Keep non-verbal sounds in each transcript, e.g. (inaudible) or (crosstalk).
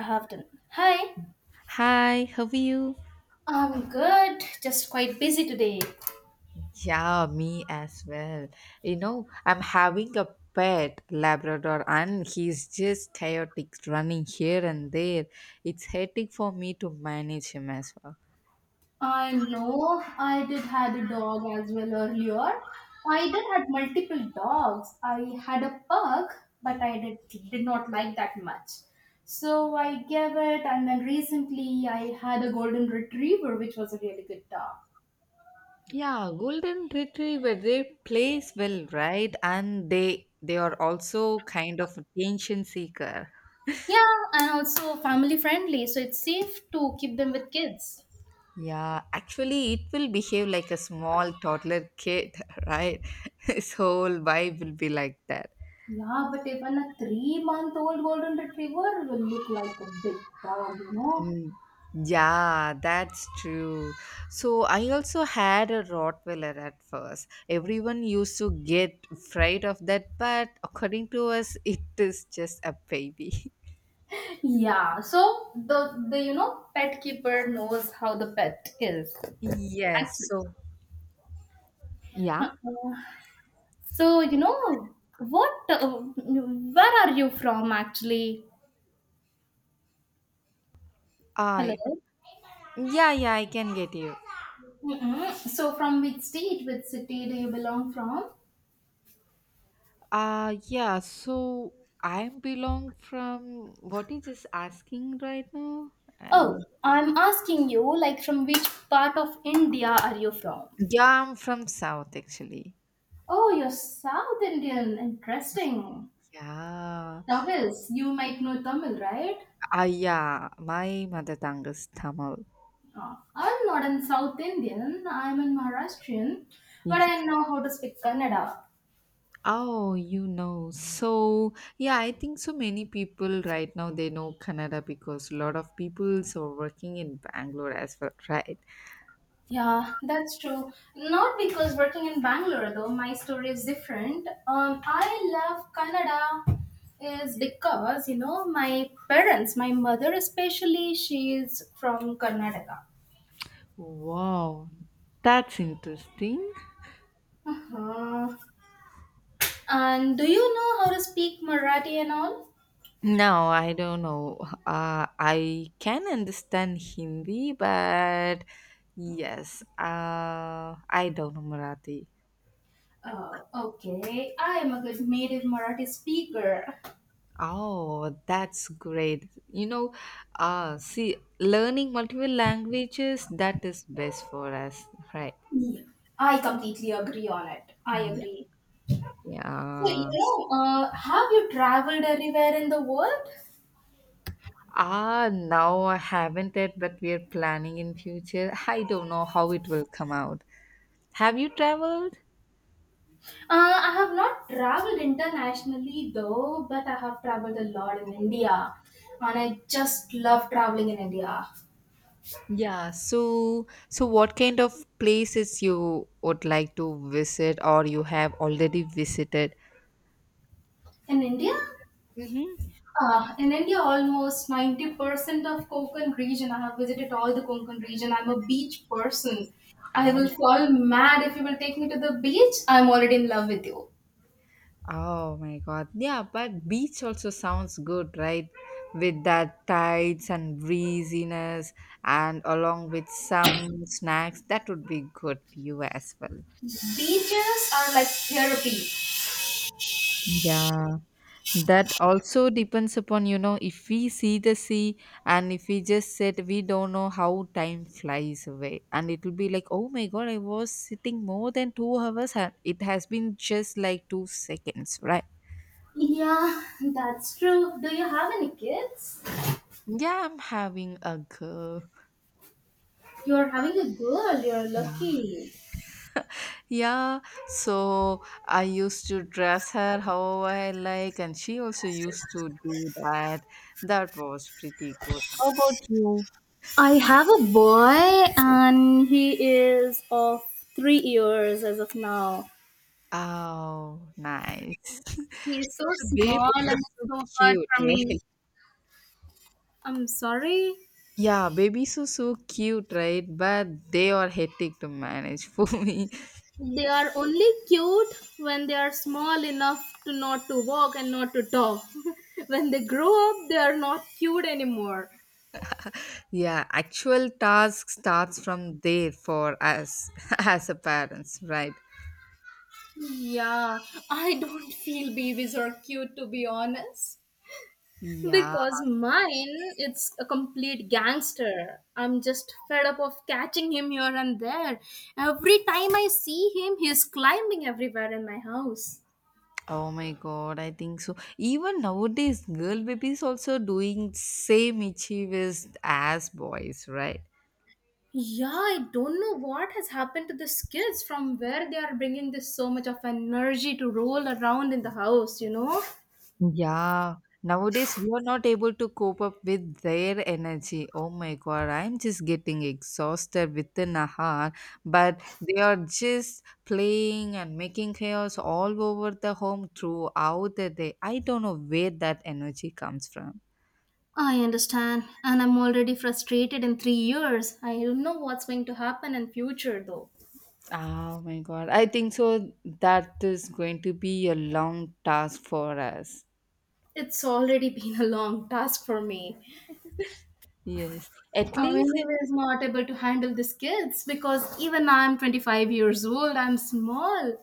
I have done. Hi, Hi, how are you? I'm good. Just quite busy today. Yeah, me as well. You know, I'm having a pet Labrador and he's just chaotic running here and there. It's hectic for me to manage him as well. I know I did had a dog as well earlier. I did had multiple dogs. I had a pug, but I did not like that much. So I gave it, and then recently I had a golden retriever, which was a really good dog. Yeah, golden retriever they plays well, right? And they are also kind of attention seeker. Yeah, and also family friendly, so it's safe to keep them with kids. Yeah, actually it will behave like a small toddler kid, (laughs) right? His whole vibe will be like that. Yeah, but even a three-month-old golden retriever will look like a big dog. Mm, yeah, that's true. So I also had a Rottweiler at first. Everyone used to get afraid of that, but according to us, it is just a baby. (laughs) Yeah, so the pet keeper knows how the pet is Yes, actually. so yeah, Uh, so you know what? Where are you from actually? I Hello. Yeah, I can get you. Mm-mm. So, from which state, which city do you belong from? Yeah, so I belong from what is this asking right now? I'm not- Oh, I'm asking you like from which part of India are you from? yeah, I'm from South actually. Oh, you're South Indian. Interesting. Yeah. That is, you might know Tamil, right? Ah, yeah, my mother tongue is Tamil. I'm not an South Indian, I'm an Maharashtrian, but Y- I know how to speak Kannada. Oh, you know. So, yeah, I think so many people right now they know Kannada because a lot of people are working in Bangalore as well, right? Yeah, that's true. Not because working in Bangalore though, my story is different. I love Kannada is because, my parents, my mother especially, she is from Karnataka. Wow, that's interesting. Uh-huh. And do you know how to speak Marathi and all? No, I don't know. I can understand Hindi, but yes, I don't know Marathi. Oh, okay. I am a good native Marathi speaker. Oh, that's great. You know, see, learning multiple languages, that is best for us, right? Yeah, I completely agree on it. I Yeah. agree. So, Yeah. Have you traveled anywhere in the world? Ah, now I haven't it, but we are planning in future. I don't know how it will come out. Have you traveled? I have not traveled internationally though, but I have traveled a lot in India. And I just love traveling in India. Yeah. So what kind of places you would like to visit or you have already visited? In India? Mm-hmm. In India, almost 90% of Konkan region. I have visited all the Konkan region. I'm a beach person. I Ah. will fall mad if you will take me to the beach. I'm already in love with you. Oh my god. Yeah, but beach also sounds good, right? With that tides and breeziness and along with some snacks, that would be good for you as well. Beaches are like therapy. Yeah. That also depends upon, you know, if we see the sea and if we just sit, we don't know how time flies away. And it will be like, oh my god, I was sitting more than 2 hours and it has been just like 2 seconds, right? Yeah, that's true. Do you have any kids? Yeah, I'm having a girl. You're having a girl. You're lucky. Yeah, so I used to dress her how I like, and she also used to do that. That was pretty good. How about you? I have a boy, and he is of 3 years as of now. Oh, nice. (laughs) He is So so the small and babies are so so hard cute, (laughs) for me. right? I'm sorry. Yeah, babies are so cute, right? But they are hectic to manage (laughs) for me. They are only cute when they are small enough to not to walk and not to talk. (laughs) When they grow up, they are not cute anymore. Yeah, actual task starts from there for us (laughs) as a parents, right? Yeah, I don't feel babies are cute to be honest. Yeah. Because mine, it's a complete gangster. I'm just fed up of catching him here and there. Every time I see him, he's climbing everywhere in my house. Oh my god, I think so. Even nowadays, girl babies also doing same mischievous as boys, right? Yeah, I don't know what has happened to these kids from where they are bringing this so much of energy to roll around in the house? Yeah. Nowadays, we are not able to cope up with their energy. Oh my god, I'm just getting exhausted within a hour. But they are just playing and making chaos all over the home throughout the day. I don't know where that energy comes from. I understand, and I'm already frustrated in 3 years. I don't know what's going to happen in future though. Oh my god. I think so that is going to be a long task for us. It's already (laughs) been a long task for me. Yes. At I'm least it, anyways not able to handle these kids because even I'm 25 years old, I'm small.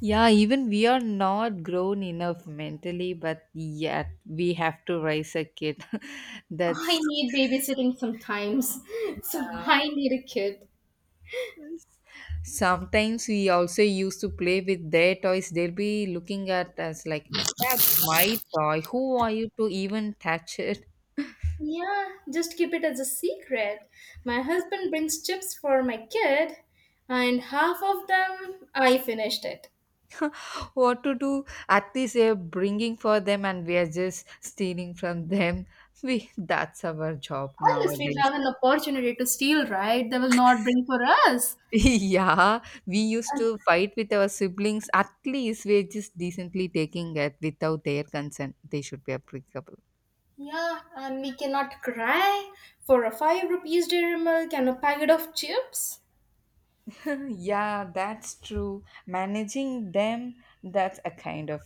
yeah, even we are not grown enough mentally, but yet we have to raise a kid. (laughs) That's I need babysitting sometimes. (laughs) So yeah. I need a kid. Sometimes we also used to play with their toys. They'll be looking at us like, that's my toy. Who are you to even touch it? Yeah, just keep it as a secret. My husband brings chips for my kid, and half of them I finished it. What to do, at least we're bringing for them and we are just stealing from them. (laughs) We, that's our job Unless we nowadays. have an opportunity to steal, right? They will not bring for us. (laughs) Yeah, we used to fight with our siblings. At least we're just decently taking it without their consent, they should be applicable. Yeah, and we cannot cry for a 5 rupees dairy milk and a packet of chips. (laughs) Yeah, that's true. Managing them, that's a kind of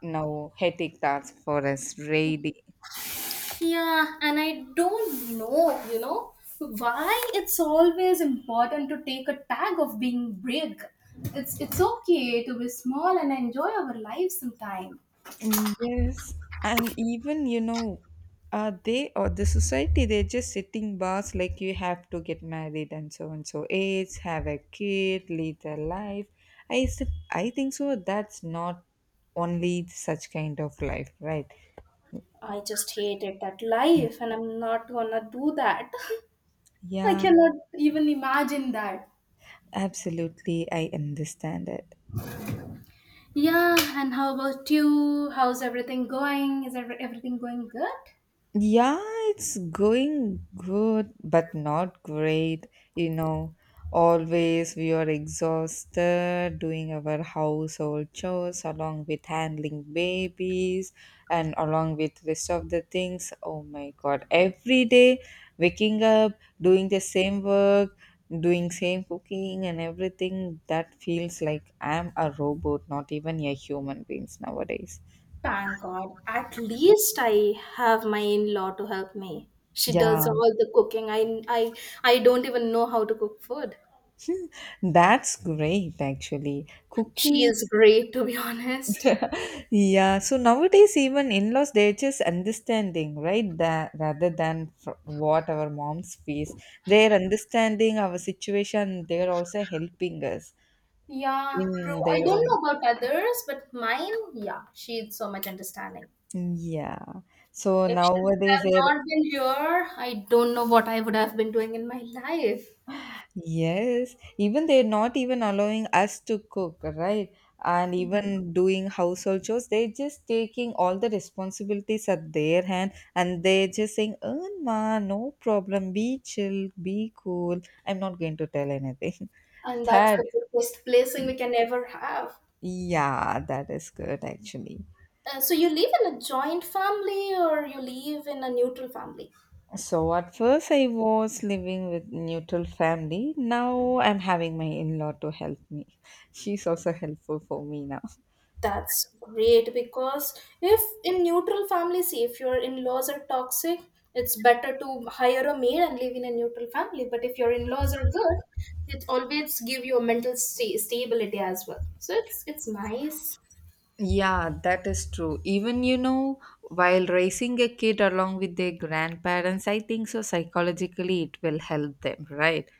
no headache task for us really. Yeah, and I don't know, why it's always important to take a tag of being big. It's okay to be small and enjoy our life sometime. Yes, and even you know, they or the society they're just sitting bars like you have to get married and so age, have a kid, lead a life. I said, I think so. That's not only such kind of life, right? I just hated that life and I'm not gonna do that. (laughs) I Yeah, cannot even imagine that. absolutely. I understand it. Yeah, and how about you? How's everything going? Is everything going good? Yeah, it's going good, but not great. You know, always we are exhausted doing our household chores along with handling babies and along with rest of the things. Oh my God, every day waking up, doing the same work, doing same cooking and everything, that feels like I'm a robot, not even a human beings nowadays. Thank God. At least I have my in-law to help me. She Yeah. does all the cooking. I I don't even know how to cook food. That's great, actually. She Cooking, is great to be (laughs) honest. yeah. So nowadays, even in-laws, they're just understanding, right? That rather than f what our moms face, they're understanding our situation. They're also helping us Yeah, true. in I their don't own. know about others, but mine, yeah, she's so much understanding. Yeah. So If she would nowadays, have they're not been here, I don't know what I would have been doing in my life. yes, even they're not even allowing us to cook, right? And even doing household chores, they're just taking all the responsibilities at their hand and they're just saying, "Oh, ma, no problem, be chill, be cool. I'm not going to tell anything." And (laughs) that's That, the biggest blessing we can ever have. yeah, that is good actually. So you live in a joint family or you live in a neutral family? So at first I was living with neutral family. Now I'm having my in-law to help me. (laughs) She's also helpful for me now. That's great because if in neutral families, if your in laws are toxic, it's better to hire a maid and live in a neutral family. But if your in laws are good, it always give you a mental stability as well. So it's nice. Yeah, that is true. Even, you know, while raising a kid along with their grandparents, I think so psychologically it will help them, right?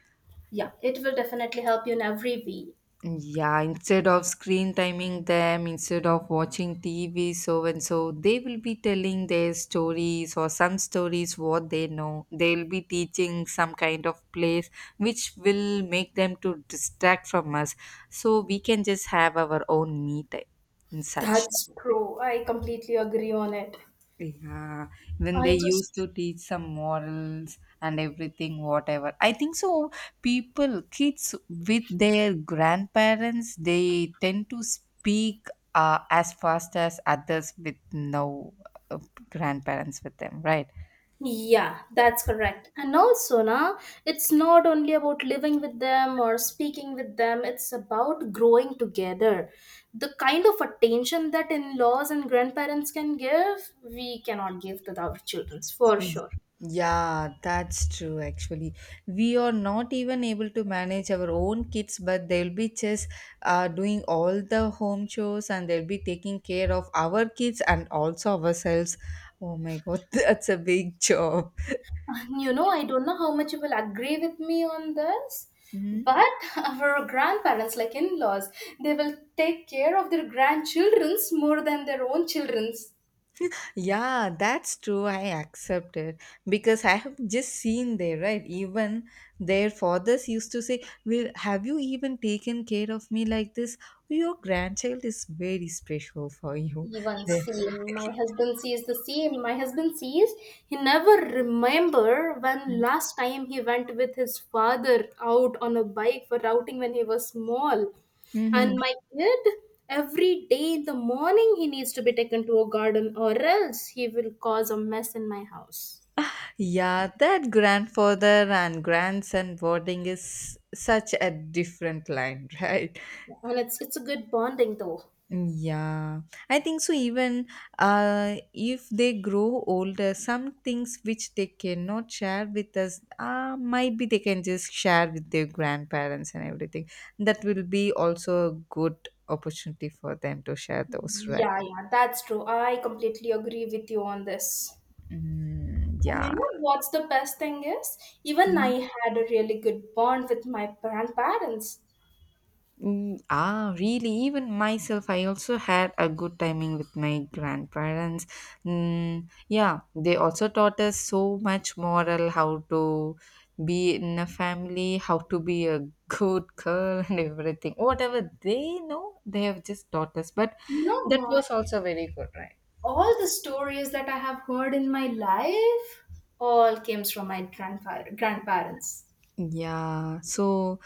Yeah, it will definitely help you in every way. Yeah, instead of screen timing them, instead of watching TV, so and so, they will be telling their stories or some stories what they know. They'll be teaching some kind of plays which will make them to distract from us. So we can just have our own me time and such. That's true. I completely agree on it. Yeah, when I they just. used to teach some morals and everything, whatever. I think so. People, kids with their grandparents, they tend to speak as fast as others with no uh, grandparents with them, right? Yeah, that's correct. And also, na, it's not only about living with them or speaking with them, it's about growing together. The kind of attention that in laws and grandparents can give, we cannot give to our children, for Mm. sure. Yeah, that's true actually. We are not even able to manage our own kids, but they'll be just doing all the home chores and they'll be taking care of our kids and also ourselves. Oh my god, (laughs) that's a big job. I don't know how much you will agree with me on this, Mm-hmm. but (laughs) our grandparents, like in laws, they will take care of their grandchildren's more than their own children's. Yeah, that's true. I accept it because I have just seen there, right? Even their fathers used to say, well, have you even taken care of me like this? Your grandchild is very special for you. Even They- same my husband says the same my husband says he never remember when last time he went with his father out on a bike for routing when he was small, Mhm. and my kid every day in the morning he needs to be taken to a garden or else he will cause a mess in my house. Yeah, that grandfather and grandson bonding is such a different line, (laughs) right? And it's a good bonding though. Yeah, I think so. Even if they grow older, some things which they cannot share with us, might be they can just share with their grandparents and everything. That will be also a good opportunity for them to share those, Yeah, right? yeah, that's true. I completely agree with you on this. Mm, And you yeah. know what's the best thing is? Even I had a really good bond with my grandparents. Mm, ah, really? Even myself, I also had a good timing with my grandparents. Mm, yeah, they also taught us so much moral, how to be in a family, how to be a good girl, (laughs) and everything. Whatever they know, they have just taught us. But You know that what? was also very good, right? All the stories that I have heard in my life all came from my grandparents. Yeah, so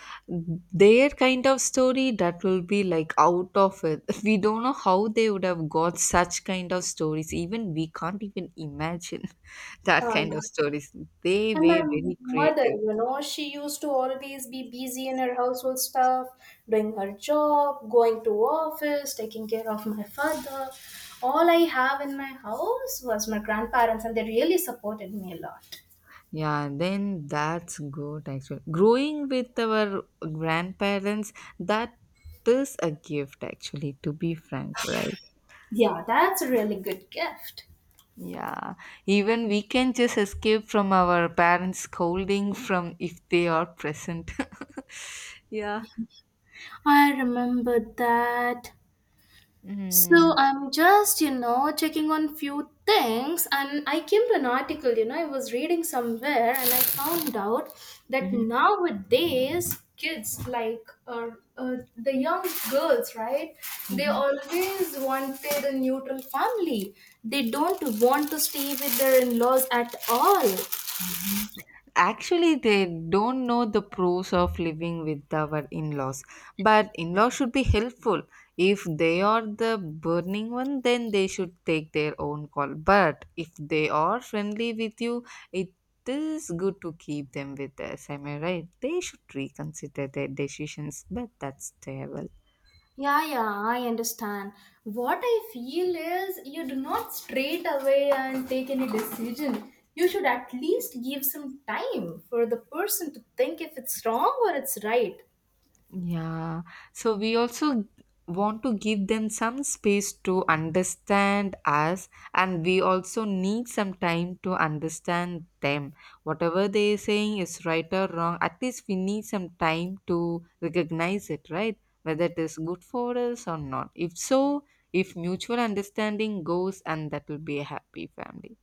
their kind of story that will be like out of it. (laughs) We don't know how they would have got such kind of stories. Even we can't even imagine (laughs) that kind of Um, stories. They and my were very mother, creative. She used to always be busy in her household stuff, doing her job, going to office, taking care of my father. All I have in my house was my grandparents, and they really supported me a lot. Yeah, then that's good actually. Growing with our grandparents, that is a gift actually, to be frank, right? Yeah, that's a really good gift. Yeah, even we can just escape from our parents scolding from if they are present. (laughs) Yeah. I remember that. So Mm-hmm. I'm just, checking on few things and I came to an article, I was reading somewhere and I found out that nowadays kids like the young girls, right? They always wanted a neutral family. They don't want to stay with their in-laws at all. Mhm. Actually, they don't know the pros of living with our in laws. But in laws should be helpful. If they are the burning one, then they should take their own call. But if they are friendly with you, it is good to keep them with us. Am I right? They should reconsider their decisions, but that's their Yeah, yeah, I understand. What I feel is you do not straight away and take any decision. You should at least give some time for the person to think if it's wrong or it's right. yeah, so we also want to give them some space to understand us, and we also need some time to understand them. Whatever they're saying is right or wrong, at least we need some time to recognize it, right? Whether it is good for us or not. If so, if mutual understanding goes, and that will be a happy family.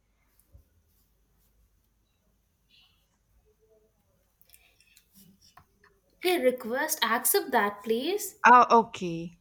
Hey, request, accept that, please. Ah, okay.